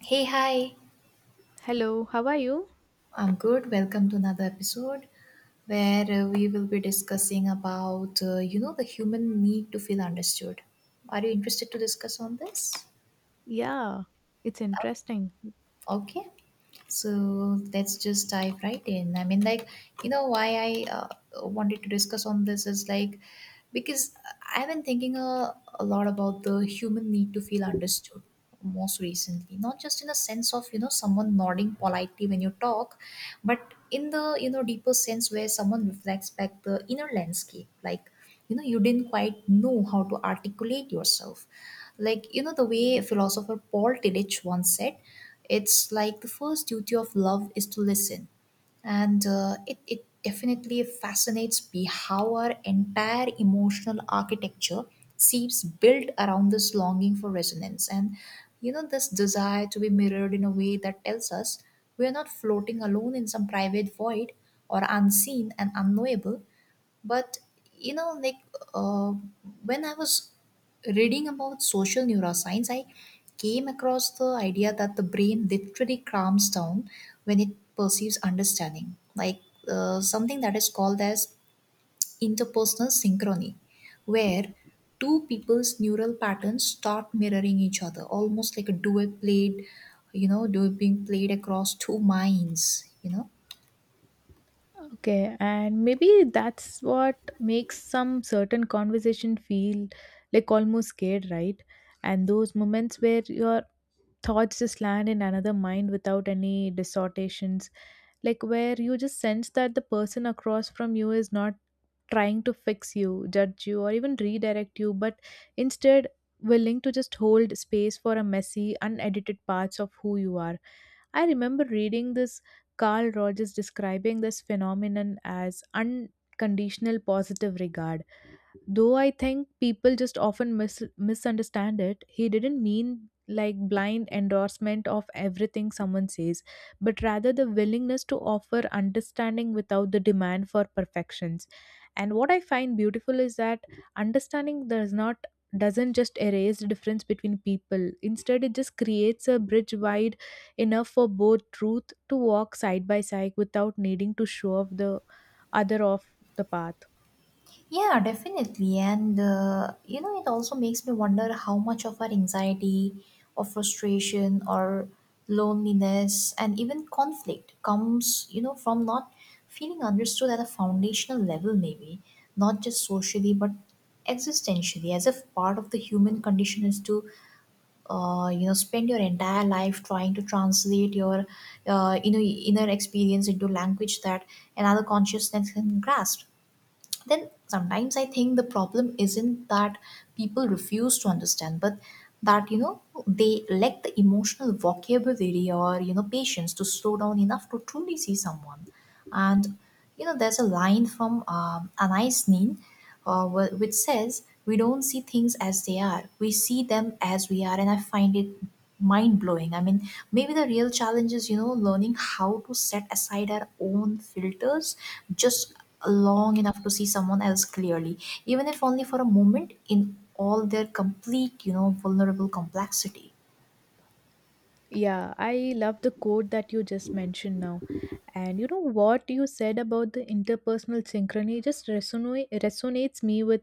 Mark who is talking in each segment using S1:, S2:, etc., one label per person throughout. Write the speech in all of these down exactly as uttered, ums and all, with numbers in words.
S1: Hey, hi.
S2: Hello, how are you?
S1: I'm good. Welcome to another episode where uh, we will be discussing about, uh, you know, the human need to feel understood. Are you interested to discuss on this?
S2: Yeah, it's interesting.
S1: Okay. So let's just dive right in. I mean, like, you know, why I uh, wanted to discuss on this is like, because I've been thinking a, a lot about the human need to feel understood most recently, not just in a sense of, you know, someone nodding politely when you talk, but in the, you know, deeper sense where someone reflects back the inner landscape. Like, you know, you didn't quite know how to articulate yourself. Like, you know, the way philosopher Paul Tillich once said, it's like the first duty of love is to listen. And uh, it, it definitely fascinates me how our entire emotional architecture seems built around this longing for resonance and, you know, this desire to be mirrored in a way that tells us we are not floating alone in some private void or unseen and unknowable, but you know, like uh, when I was reading about social neuroscience, I came across the idea that the brain literally calms down when it perceives understanding, like uh, something that is called as interpersonal synchrony, where two people's neural patterns start mirroring each other, almost like a duet played, you know, duet being played across two minds, you know.
S2: Okay, and maybe that's what makes some certain conversation feel like almost scared, right? And those moments where your thoughts just land in another mind without any distortions, like where you just sense that the person across from you is not trying to fix you, judge you, or even redirect you, but instead willing to just hold space for a messy, unedited parts of who you are. I remember reading this Carl Rogers describing this phenomenon as unconditional positive regard. Though I think people just often mis- misunderstand it, he didn't mean like blind endorsement of everything someone says, but rather the willingness to offer understanding without the demand for perfections. And what I find beautiful is that understanding does not doesn't just erase the difference between people. Instead, it just creates a bridge wide enough for both truth to walk side by side without needing to show off the other off the path.
S1: Yeah, definitely. And, uh, you know, it also makes me wonder how much of our anxiety or frustration or loneliness and even conflict comes, you know, from not feeling understood at a foundational level, maybe, not just socially, but existentially, as if part of the human condition is to, uh, you know, spend your entire life trying to translate your, uh, you know, inner experience into language that another consciousness can grasp. Then sometimes I think the problem isn't that people refuse to understand, but that, you know, they lack the emotional vocabulary or, you know, patience to slow down enough to truly see someone. And, you know, there's a line from um, Anais Nin uh, wh- which says we don't see things as they are, we see them as we are, and I find it mind blowing. I mean, maybe the real challenge is, you know, learning how to set aside our own filters just long enough to see someone else clearly, even if only for a moment, in all their complete, you know, vulnerable complexity.
S2: Yeah, I love the quote that you just mentioned now. And you know what you said about the interpersonal synchrony just resonate, resonates me with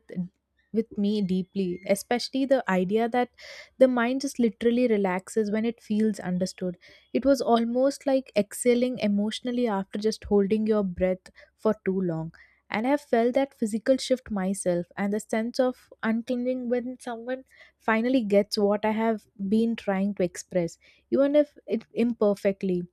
S2: with me deeply, especially the idea that the mind just literally relaxes when it feels understood. It was almost like exhaling emotionally after just holding your breath for too long. And I have felt that physical shift myself and the sense of unclenching when someone finally gets what I have been trying to express even if it imperfectly.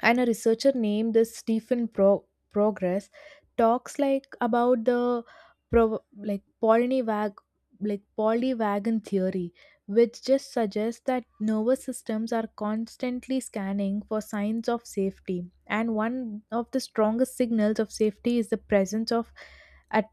S2: And a researcher named this Stephen Pro- Progress talks like about the pro- like polynivag like polywagon theory, which just suggests that nervous systems are constantly scanning for signs of safety. And one of the strongest signals of safety is the presence of at-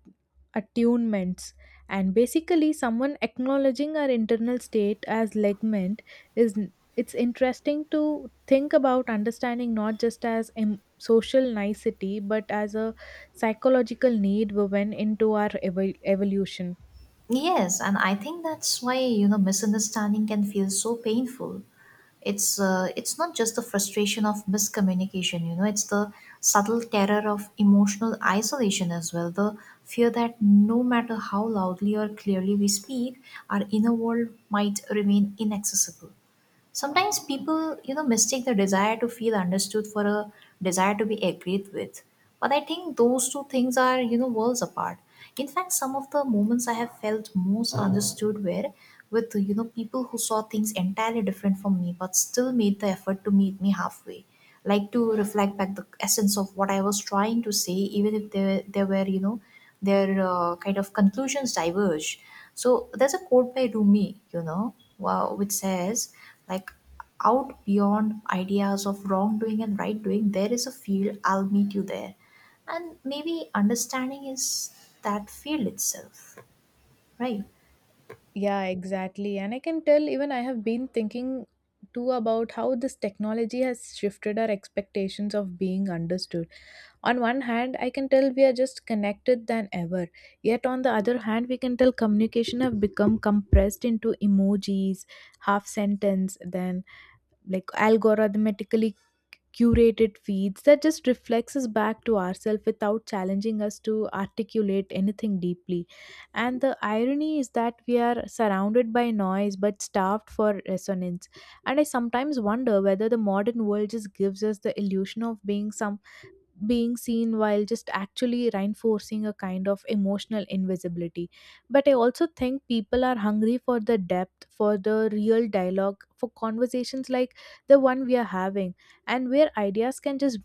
S2: attunements. And basically, someone acknowledging our internal state as legment is it's interesting to think about understanding not just as a social nicety but as a psychological need woven into our evo- evolution.
S1: Yes, and I think that's why, you know, misunderstanding can feel so painful. It's uh, it's not just the frustration of miscommunication, you know, it's the subtle terror of emotional isolation as well. The fear that no matter how loudly or clearly we speak, our inner world might remain inaccessible. Sometimes people, you know, mistake the desire to feel understood for a desire to be agreed with. But I think those two things are, you know, worlds apart. In fact, some of the moments I have felt most understood were with, you know, people who saw things entirely different from me but still made the effort to meet me halfway. Like to reflect back the essence of what I was trying to say, even if there, there were, you know, their uh, kind of conclusions diverge. So there's a quote by Rumi, you know, wow, which says, like, out beyond ideas of wrongdoing and right doing, there is a field, I'll meet you there. And maybe understanding is that field itself, right?
S2: Yeah, exactly, and I can tell even I have been thinking too about how this technology has shifted our expectations of being understood. On one hand, I can tell we are just connected than ever, yet on the other hand we can tell communication have become compressed into emojis, half sentence, then like algorithmically curated feeds that just reflects us back to ourselves without challenging us to articulate anything deeply. And the irony is that we are surrounded by noise but starved for resonance. And I sometimes wonder whether the modern world just gives us the illusion of being some being seen while just actually reinforcing a kind of emotional invisibility. But I also think people are hungry for the depth, for the real dialogue, for conversations like the one we are having, and where ideas can just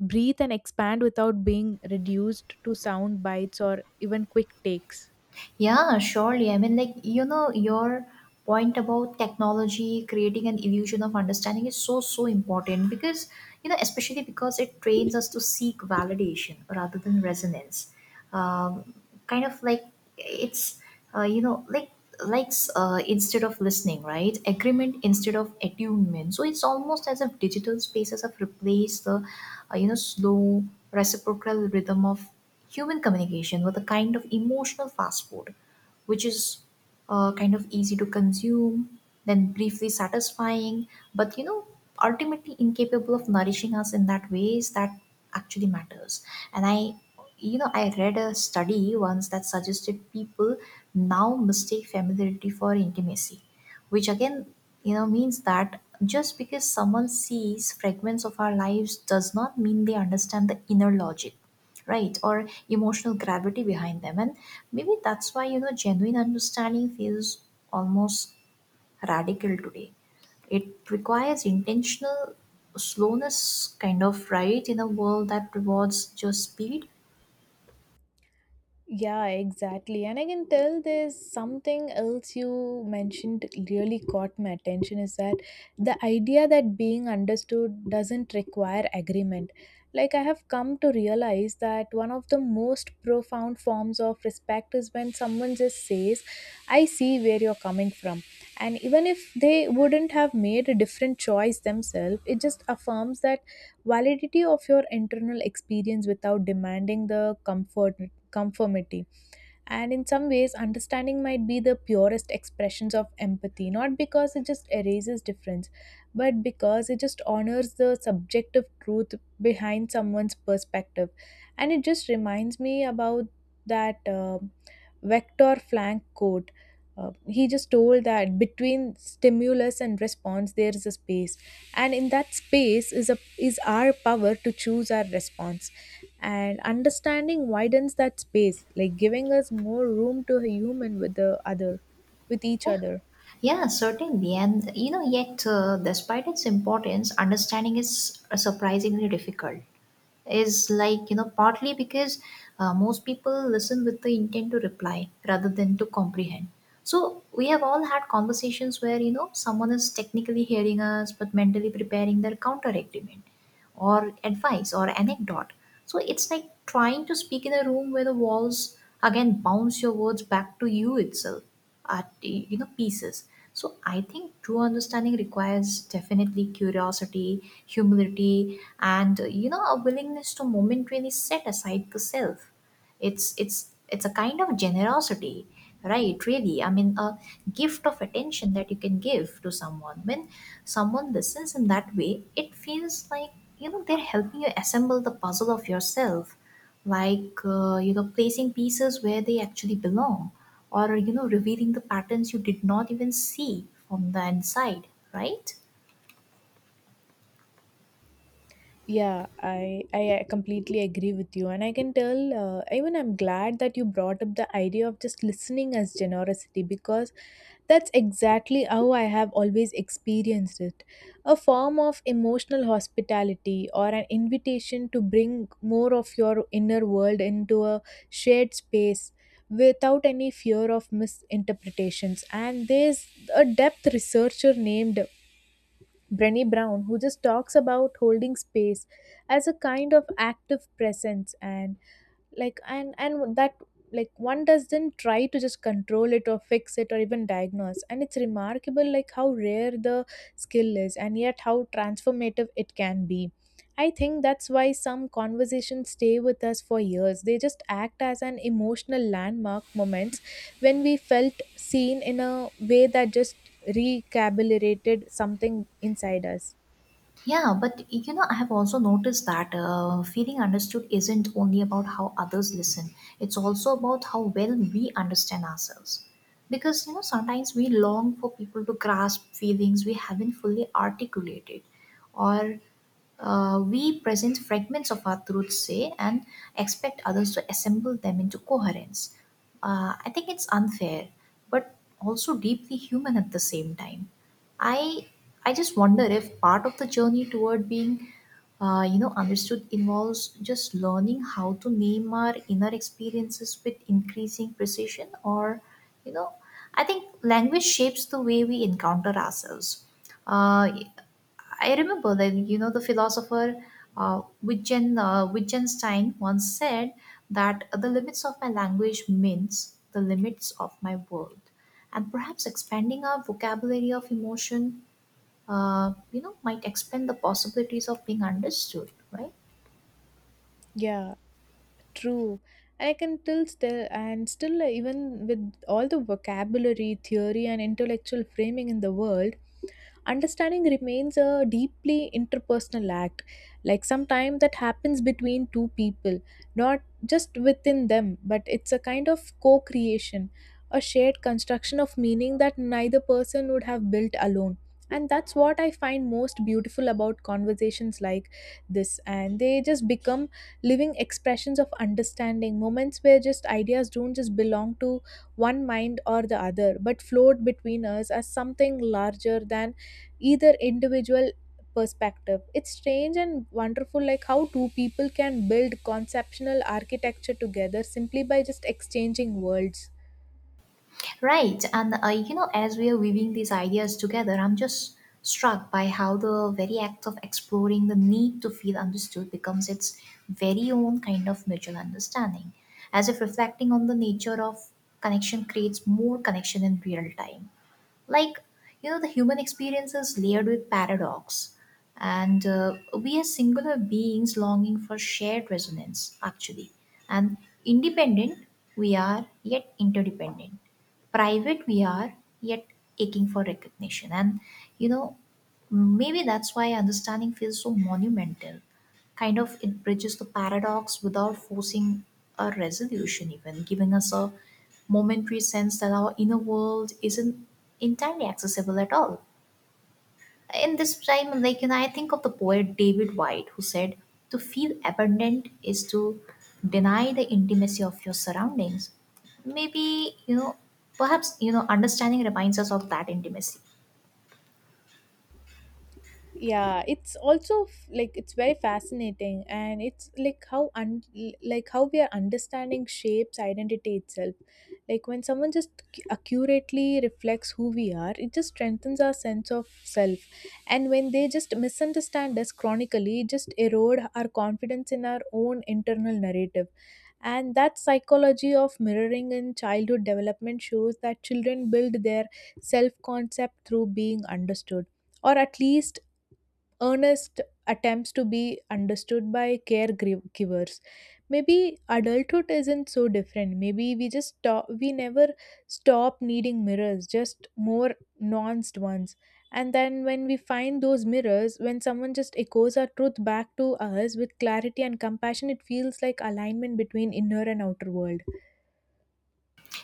S2: breathe and expand without being reduced to sound bites or even quick takes.
S1: Yeah, surely. I mean, like, you know, your point about technology creating an illusion of understanding is so, so important because, you know, especially because it trains us to seek validation rather than resonance. Um, kind of like it's, uh, you know, like, likes uh, instead of listening, right? Agreement instead of attunement. So it's almost as if digital spaces have replaced the, uh, you know, slow reciprocal rhythm of human communication was a kind of emotional fast food, which is uh, kind of easy to consume, then briefly satisfying, but, you know, ultimately incapable of nourishing us in that ways that actually matters. And I, you know, I read a study once that suggested people now mistake familiarity for intimacy, which again, you know, means that just because someone sees fragments of our lives does not mean they understand the inner logic, right, or emotional gravity behind them. And maybe that's why, you know, genuine understanding feels almost radical today. It requires intentional slowness, kind of, right, in a world that rewards just speed.
S2: Yeah, exactly. And I can tell there's something else you mentioned really caught my attention is that the idea that being understood doesn't require agreement. Like, I have come to realize that one of the most profound forms of respect is when someone just says, I see where you're coming from. And even if they wouldn't have made a different choice themselves, it just affirms that validity of your internal experience without demanding the comfort conformity. And in some ways, understanding might be the purest expressions of empathy, not because it just erases difference, but because it just honors the subjective truth behind someone's perspective. And it just reminds me about that uh, Vector Frank quote. Uh, he just told that between stimulus and response, there is a space. And in that space is a is our power to choose our response and understanding widens that space like giving us more room to human with the other with each
S1: Yeah,
S2: other.
S1: yeah, certainly. And you know, yet, uh, despite its importance, understanding is uh, surprisingly difficult. Is like, you know, partly because uh, most people listen with the intent to reply rather than to comprehend. So we have all had conversations where, you know, someone is technically hearing us but mentally preparing their counter argument or advice or anecdote. So it's like trying to speak in a room where the walls again bounce your words back to you itself, art you know pieces. So I think true understanding requires definitely curiosity, humility, and, uh, you know, a willingness to momentarily set aside the self. It's it's it's a kind of generosity, right, really. I mean, a gift of attention that you can give to someone. When someone listens in that way, it feels like, you know, they're helping you assemble the puzzle of yourself, like, uh, you know, placing pieces where they actually belong, or, you know, revealing the patterns you did not even see from the inside, right?
S2: Yeah, I I completely agree with you, and I can tell. Uh, even I'm glad that you brought up the idea of just listening as generosity because that's exactly how I have always experienced it. A form of emotional hospitality or an invitation to bring more of your inner world into a shared space without any fear of misinterpretations. And there's a depth researcher named Brenny Brown, who just talks about holding space as a kind of active presence and like and and that like one doesn't try to just control it or fix it or even diagnose, and it's remarkable like how rare the skill is and yet how transformative it can be. I think that's why some conversations stay with us for years. They just act as an emotional landmark moments when we felt seen in a way that just recalibrated something inside us.
S1: Yeah, but you know, I have also noticed that uh, feeling understood isn't only about how others listen, it's also about how well we understand ourselves. Because you know, sometimes we long for people to grasp feelings we haven't fully articulated, or uh, we present fragments of our truths, say, and expect others to assemble them into coherence. Uh, I think it's unfair, but also deeply human at the same time. I I just wonder if part of the journey toward being, uh, you know, understood involves just learning how to name our inner experiences with increasing precision, or, you know, I think language shapes the way we encounter ourselves. Uh, I remember that, you know, the philosopher uh, Wittgen, uh, Wittgenstein once said that the limits of my language means the limits of my world, and perhaps expanding our vocabulary of emotion, uh, you know, might expand the possibilities of being understood, right?
S2: Yeah, true. I can till still and still uh, Even with all the vocabulary, theory and intellectual framing in the world, understanding remains a deeply interpersonal act, like sometimes that happens between two people, not just within them, but it's a kind of co creation, a shared construction of meaning that neither person would have built alone. And that's what I find most beautiful about conversations like this. And they just become living expressions of understanding, moments where just ideas don't just belong to one mind or the other, but flowed between us as something larger than either individual perspective. It's strange and wonderful like how two people can build conceptual architecture together simply by just exchanging words.
S1: Right, and uh, you know, as we are weaving these ideas together, I'm just struck by how the very act of exploring the need to feel understood becomes its very own kind of mutual understanding, as if reflecting on the nature of connection creates more connection in real time. Like, you know, the human experience is layered with paradox, and uh, we are singular beings longing for shared resonance, actually, and independent we are, yet interdependent, private we are, yet aching for recognition. And, you know, maybe that's why understanding feels so monumental, kind of. It bridges the paradox without forcing a resolution, even giving us a momentary sense that our inner world isn't entirely accessible at all in this time. Like, you know, I think of the poet David White, who said to feel abundant is to deny the intimacy of your surroundings. Maybe, you know, perhaps, you know, understanding reminds us of that intimacy.
S2: Yeah, it's also f- like it's very fascinating and it's like how un- like how we are understanding shapes identity itself. Like when someone just cu- accurately reflects who we are, it just strengthens our sense of self. And when they just misunderstand us chronically, it just erode our confidence in our own internal narrative. And that psychology of mirroring in childhood development shows that children build their self concept through being understood, or at least earnest attempts to be understood by caregivers. Maybe adulthood isn't so different. Maybe we just stop we never stop needing mirrors, just more nuanced ones. And then when we find those mirrors, when someone just echoes our truth back to us with clarity and compassion, it feels like alignment between inner and outer world.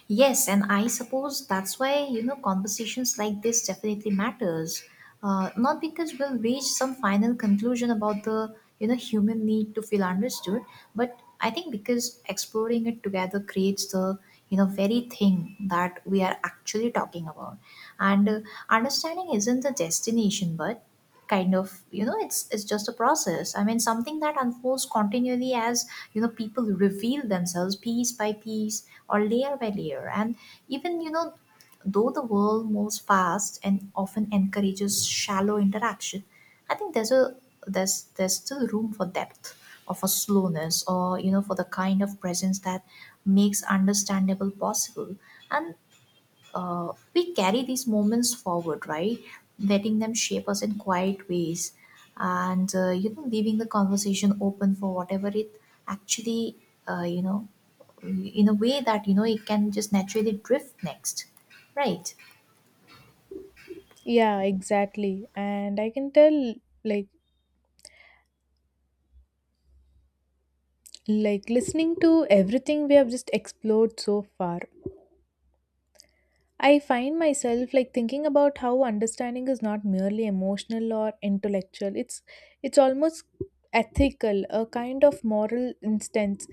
S1: Yes, and I suppose that's why, you know, conversations like this definitely matters. Uh, not because we'll reach some final conclusion about the, you know, human need to feel understood, but I think because exploring it together creates the, you know, very thing that we are actually talking about. And uh, understanding isn't the destination, but kind of, you know, it's it's just a process. I mean, something that unfolds continually as, you know, people reveal themselves piece by piece or layer by layer. And even, you know, though the world moves fast and often encourages shallow interaction, I think there's a there's there's still room for depth, or for slowness, or, you know, for the kind of presence that makes understandable possible. And uh, we carry these moments forward, right? Letting them shape us in quiet ways, and, uh, you know, leaving the conversation open for whatever it actually, uh, you know, in a way that, you know, it can just naturally drift next, right?
S2: Yeah, exactly, and I can tell, like like listening to everything we have just explored so far, I find myself like thinking about how understanding is not merely emotional or intellectual. It's it's almost ethical, a kind of moral instance,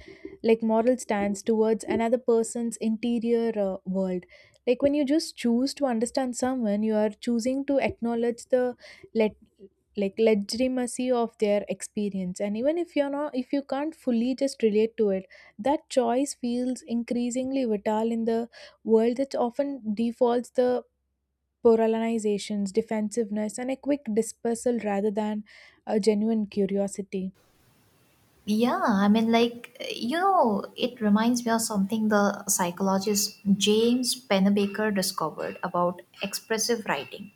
S2: like moral stance towards another person's interior uh, world. Like when you just choose to understand someone, you are choosing to acknowledge the let like legitimacy of their experience, and even if you're not if you can't fully just relate to it, that choice feels increasingly vital in the world that often defaults the polarizations, defensiveness, and a quick dispersal rather than a genuine curiosity.
S1: Yeah, I mean, like, you know, it reminds me of something the psychologist James Pennebaker discovered about expressive writing.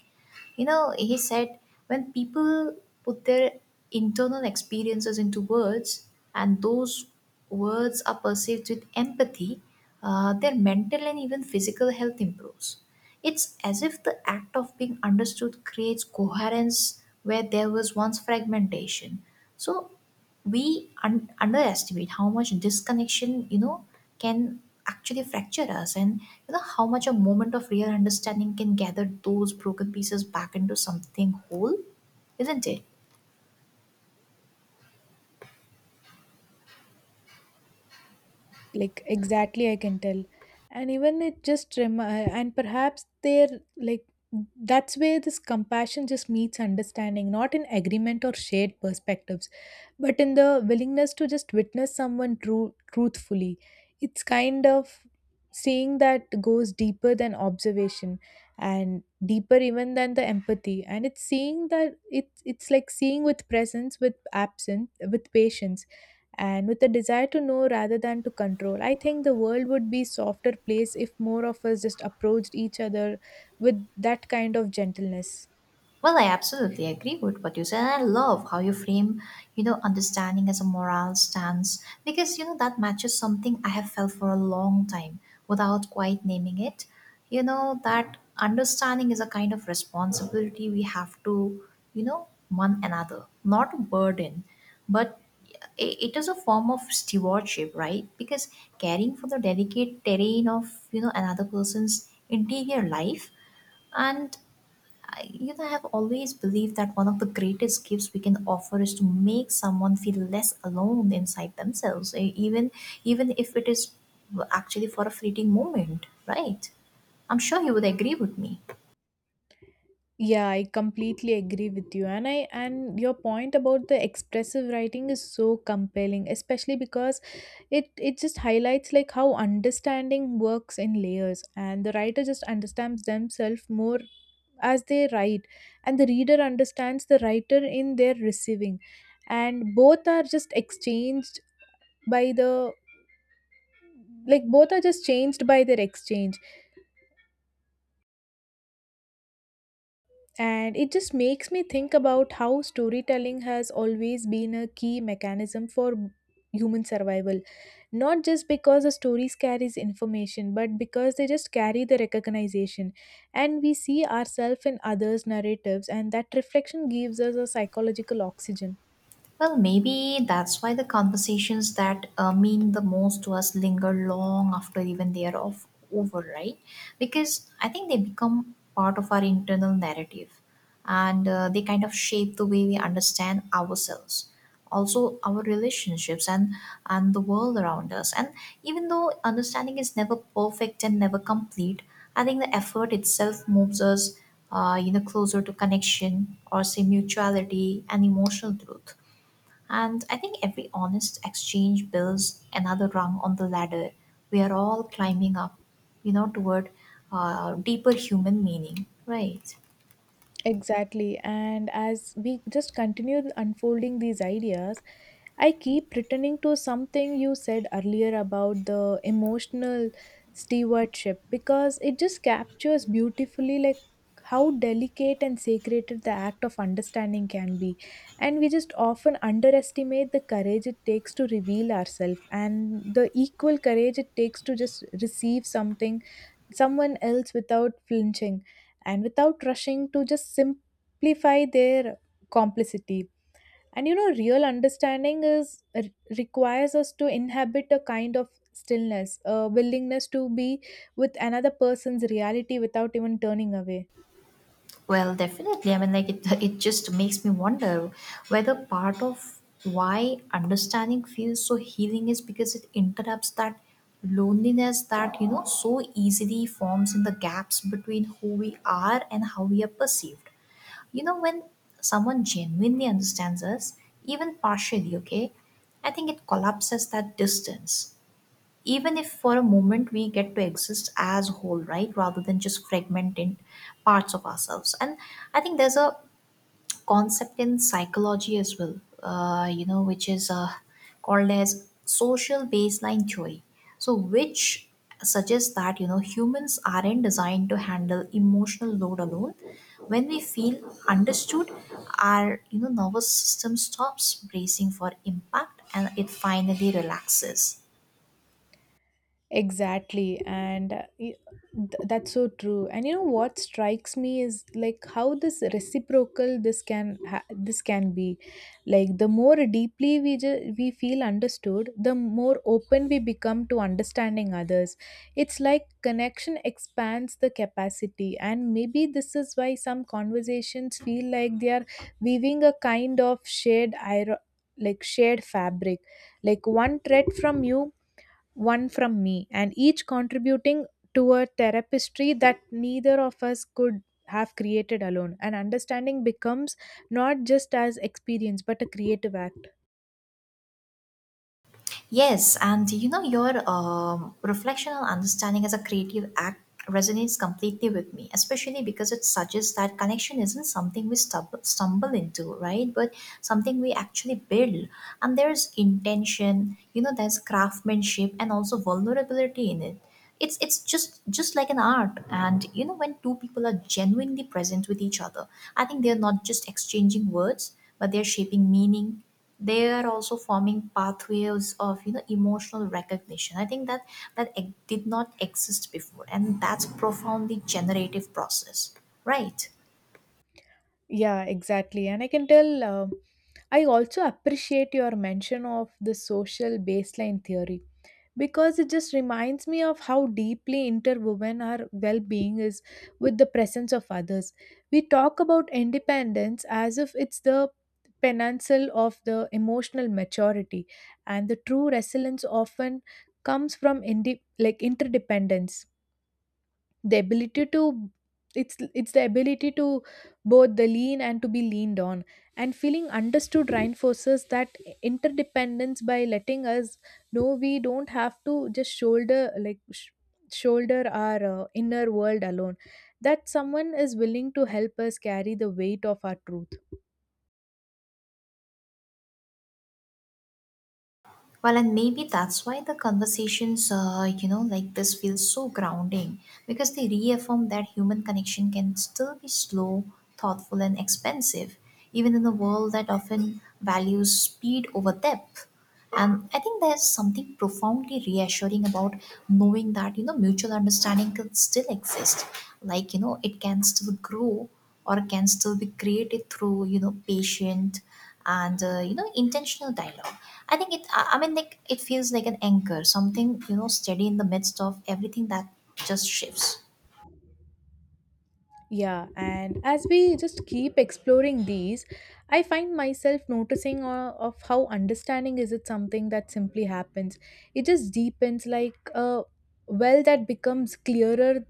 S1: You know, he said when people put their internal experiences into words, and those words are perceived with empathy, uh, their mental and even physical health improves. It's as if the act of being understood creates coherence where there was once fragmentation. So, we un- underestimate how much disconnection, you know can actually fracture us, and you know how much a moment of real understanding can gather those broken pieces back into something whole, isn't it?
S2: Like exactly, I can tell. And even it just remi- and perhaps they're like that's where this compassion just meets understanding, not in agreement or shared perspectives, but in the willingness to just witness someone true truthfully. It's kind of seeing that goes deeper than observation, and deeper even than the empathy. And it's seeing that it's it's like seeing with presence, with absence, with patience, and with a desire to know rather than to control. I think the world would be softer place if more of us just approached each other with that kind of gentleness.
S1: Well, I absolutely agree with what you said. And I love how you frame, you know, understanding as a moral stance because, you know, that matches something I have felt for a long time without quite naming it. You know, that understanding is a kind of responsibility we have to, you know, one another, not a burden, but i- it is a form of stewardship, right? Because caring for the delicate terrain of, you know, another person's interior life. And I, you know, I have always believed that one of the greatest gifts we can offer is to make someone feel less alone inside themselves, e- even even if it is actually for a fleeting moment, right? I'm sure you would agree with me.
S2: Yeah, I completely agree with you, and I and your point about the expressive writing is so compelling, especially because it it just highlights like how understanding works in layers. And the writer just understands themselves more as they write, and the reader understands the writer in their receiving. And both are just exchanged by the like both are just changed by their exchange. And it just makes me think about how storytelling has always been a key mechanism for human survival, not just because the stories carries information, but because they just carry the recognition. And we see ourselves in others narratives, and that reflection gives us a psychological oxygen.
S1: Well, maybe that's why the conversations that uh, mean the most to us linger long after, even they are off, over, right? Because I think they become part of our internal narrative, and uh, they kind of shape the way we understand ourselves, also our relationships, and and the world around us. And even though understanding is never perfect and never complete, I think the effort itself moves us, uh, you know, closer to connection, or say mutuality and emotional truth. And I think every honest exchange builds another rung on the ladder. We are all climbing up, you know, toward uh, deeper human meaning, right?
S2: Exactly. And as we just continue unfolding these ideas, I keep returning to something you said earlier about the emotional stewardship because it just captures beautifully like how delicate and sacred the act of understanding can be. And we just often underestimate the courage it takes to reveal ourselves, and the equal courage it takes to just receive something someone else without flinching and without rushing to just simplify their complicity. And you know real understanding is re- requires us to inhabit a kind of stillness, a willingness to be with another person's reality without even turning away.
S1: Well, definitely. I mean, like it, it just makes me wonder whether part of why understanding feels so healing is because it interrupts that loneliness that, you know, so easily forms in the gaps between who we are and how we are perceived. You know, when someone genuinely understands us, even partially, okay, I think it collapses that distance. Even if for a moment we get to exist as whole, right, rather than just fragmented parts of ourselves. And I think there's a concept in psychology as well, uh, you know, which is uh, called as social baseline theory, so which suggests that, you know, humans aren't designed to handle emotional load alone. When we feel understood, our, you know, nervous system stops bracing for impact and it finally relaxes.
S2: Exactly, and uh, y- th- that's so true. And you know what strikes me is like how this reciprocal this can ha- this can be. Like the more deeply we ju- we feel understood, the more open we become to understanding others. It's like connection expands the capacity, and maybe this is why some conversations feel like they are weaving a kind of shared iron, like shared fabric, like one thread from you, one from me, and each contributing to a tapestry that neither of us could have created alone. And understanding becomes not just as experience but a creative act.
S1: Yes, and you know, your um, reflection understanding as a creative act resonates completely with me, especially because it suggests that connection isn't something we stub- stumble into, right? But something we actually build. And there's intention, you know, there's craftsmanship and also vulnerability in it. It's, it's just just like an art. And you know, when two people are genuinely present with each other, I think they're not just exchanging words, but they're shaping meaning. They are also forming pathways of, you know, emotional recognition. I think that that ex- did not exist before, and that's profoundly generative process, right?
S2: Yeah, exactly. And I can tell. um I also appreciate your mention of the social baseline theory because it just reminds me of how deeply interwoven our well being is with the presence of others. We talk about independence as if it's the penantial of the emotional maturity, and the true resilience often comes from indi- like interdependence, the ability to, it's it's the ability to both the lean and to be leaned on, and feeling understood reinforces that interdependence by letting us know we don't have to just shoulder, like sh- shoulder our uh, inner world alone, that someone is willing to help us carry the weight of our truth.
S1: Well, and maybe that's why the conversations, uh, you know, like this feels so grounding, because they reaffirm that human connection can still be slow, thoughtful, and expensive, even in a world that often values speed over depth. And I think there's something profoundly reassuring about knowing that, you know, mutual understanding can still exist. Like, you know, it can still grow or can still be created through, you know, patient and uh, you know, intentional dialogue. I think it i I mean, like, it feels like an anchor, something, you know, steady in the midst of everything that just shifts.
S2: Yeah, and as we just keep exploring these, I find myself noticing uh, of how understanding is it something that simply happens. It just deepens like a well that becomes clearer,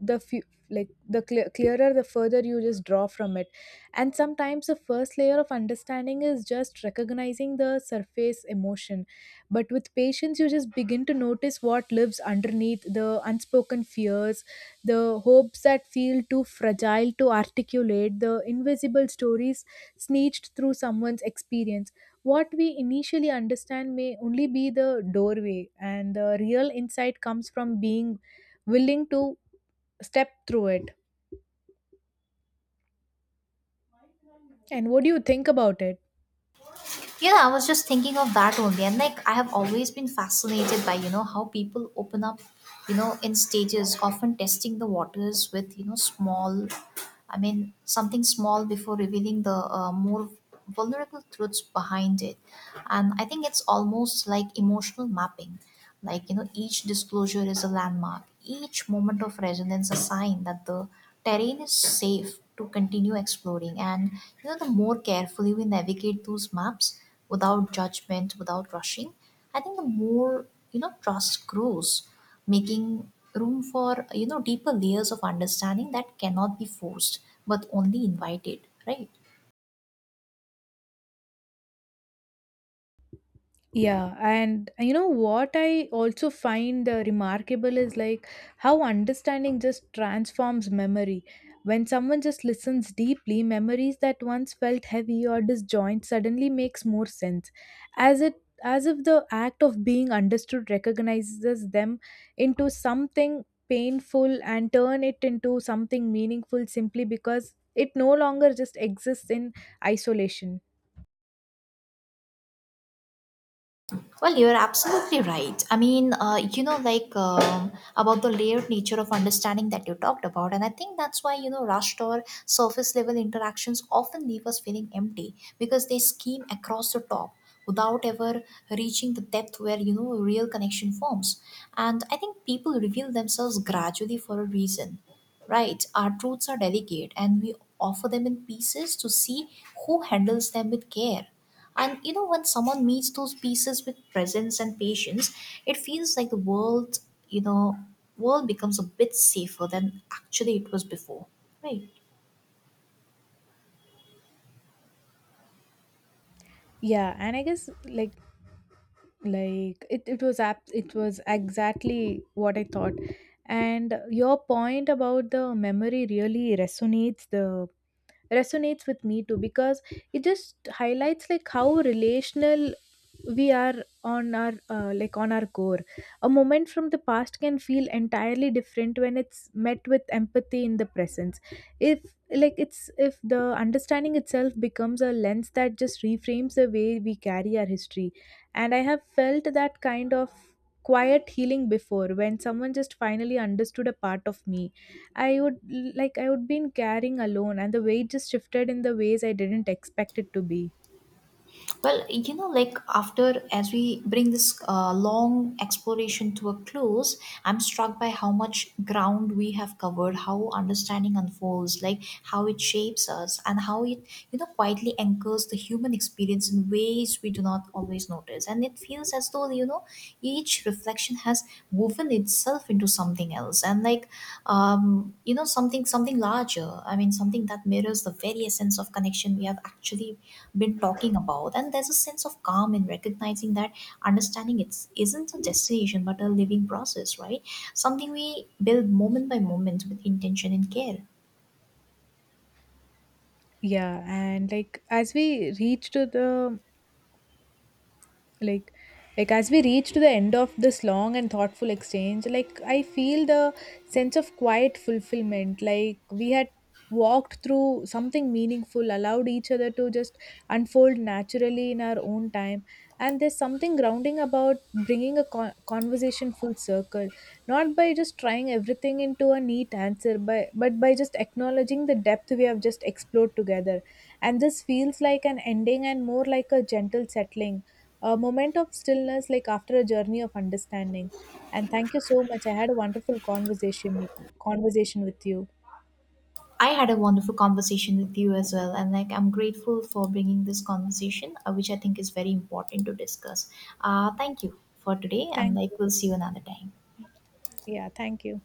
S2: the few like the clear, clearer the further you just draw from it. And sometimes the first layer of understanding is just recognizing the surface emotion, but with patience you just begin to notice what lives underneath: the unspoken fears, the hopes that feel too fragile to articulate, the invisible stories sneaked through someone's experience. What we initially understand may only be the doorway, and the real insight comes from being willing to step through it. And what do you think about it?
S1: You know, I was just thinking of that only, and like I have always been fascinated by, you know, how people open up, you know, in stages, often testing the waters with, you know, small, I mean something small, before revealing the uh, more vulnerable truths behind it. And I think it's almost like emotional mapping, like, you know, each disclosure is a landmark, each moment of resonance a sign that the terrain is safe to continue exploring. And you know, the more carefully we navigate those maps, without judgment, without rushing, I think the more, you know, trust grows, making room for, you know, deeper layers of understanding that cannot be forced but only invited, right?
S2: Yeah, and uh, you know what I also find uh, remarkable is like how understanding just transforms memory. When someone just listens deeply, memories that once felt heavy or disjoint suddenly makes more sense, as it as if the act of being understood recognizes them into something painful and turn it into something meaningful simply because it no longer just exists in isolation.
S1: Well, you're absolutely right. I mean, uh, you know, like um, about the layered nature of understanding that you talked about. And I think that's why, you know, rushed or surface level interactions often leave us feeling empty, because they skim across the top without ever reaching the depth where, you know, real connection forms. And I think people reveal themselves gradually for a reason, right? Our truths are delicate, and we offer them in pieces to see who handles them with care. And you know, when someone meets those pieces with presence and patience, it feels like the world, you know, world becomes a bit safer than actually it was before. Right.
S2: Yeah, and I guess like, like it, it was app it was exactly what I thought. And your point about the memory really resonates, the resonates with me too, because it just highlights like how relational we are on our uh, like on our core. A moment from the past can feel entirely different when it's met with empathy in the presence, if like it's, if the understanding itself becomes a lens that just reframes the way we carry our history. And I have felt that kind of quiet healing before, when someone just finally understood a part of me I would, like I would been carrying alone, and the weight just shifted in the ways I didn't expect it to be.
S1: Well, you know, like after, as we bring this uh, long exploration to a close, I'm struck by how much ground we have covered, how understanding unfolds, like how it shapes us, and how it, you know, quietly anchors the human experience in ways we do not always notice. And it feels as though, you know, each reflection has woven itself into something else, and like, um, you know, something something larger. I mean, something that mirrors the very essence of connection we have actually been talking about. And there's a sense of calm in recognizing that understanding, it's not a destination but a living process, right, something we build moment by moment with intention and care.
S2: Yeah, and like as we reached to the like like as we reach to the end of this long and thoughtful exchange, like I feel the sense of quiet fulfillment, like we had walked through something meaningful, allowed each other to just unfold naturally in our own time. And there's something grounding about bringing a con- conversation full circle, not by just trying everything into a neat answer, but but by just acknowledging the depth we have just explored together. And this feels like an ending and more like a gentle settling, a moment of stillness like after a journey of understanding. And thank you so much, I had a wonderful conversation conversation with you.
S1: I had a wonderful conversation with you as well, and like I'm grateful for bringing this conversation, uh, which I think is very important to discuss. Uh, thank you for today, and
S2: Thank you.
S1: like we'll see you another time.
S2: Yeah, thank you.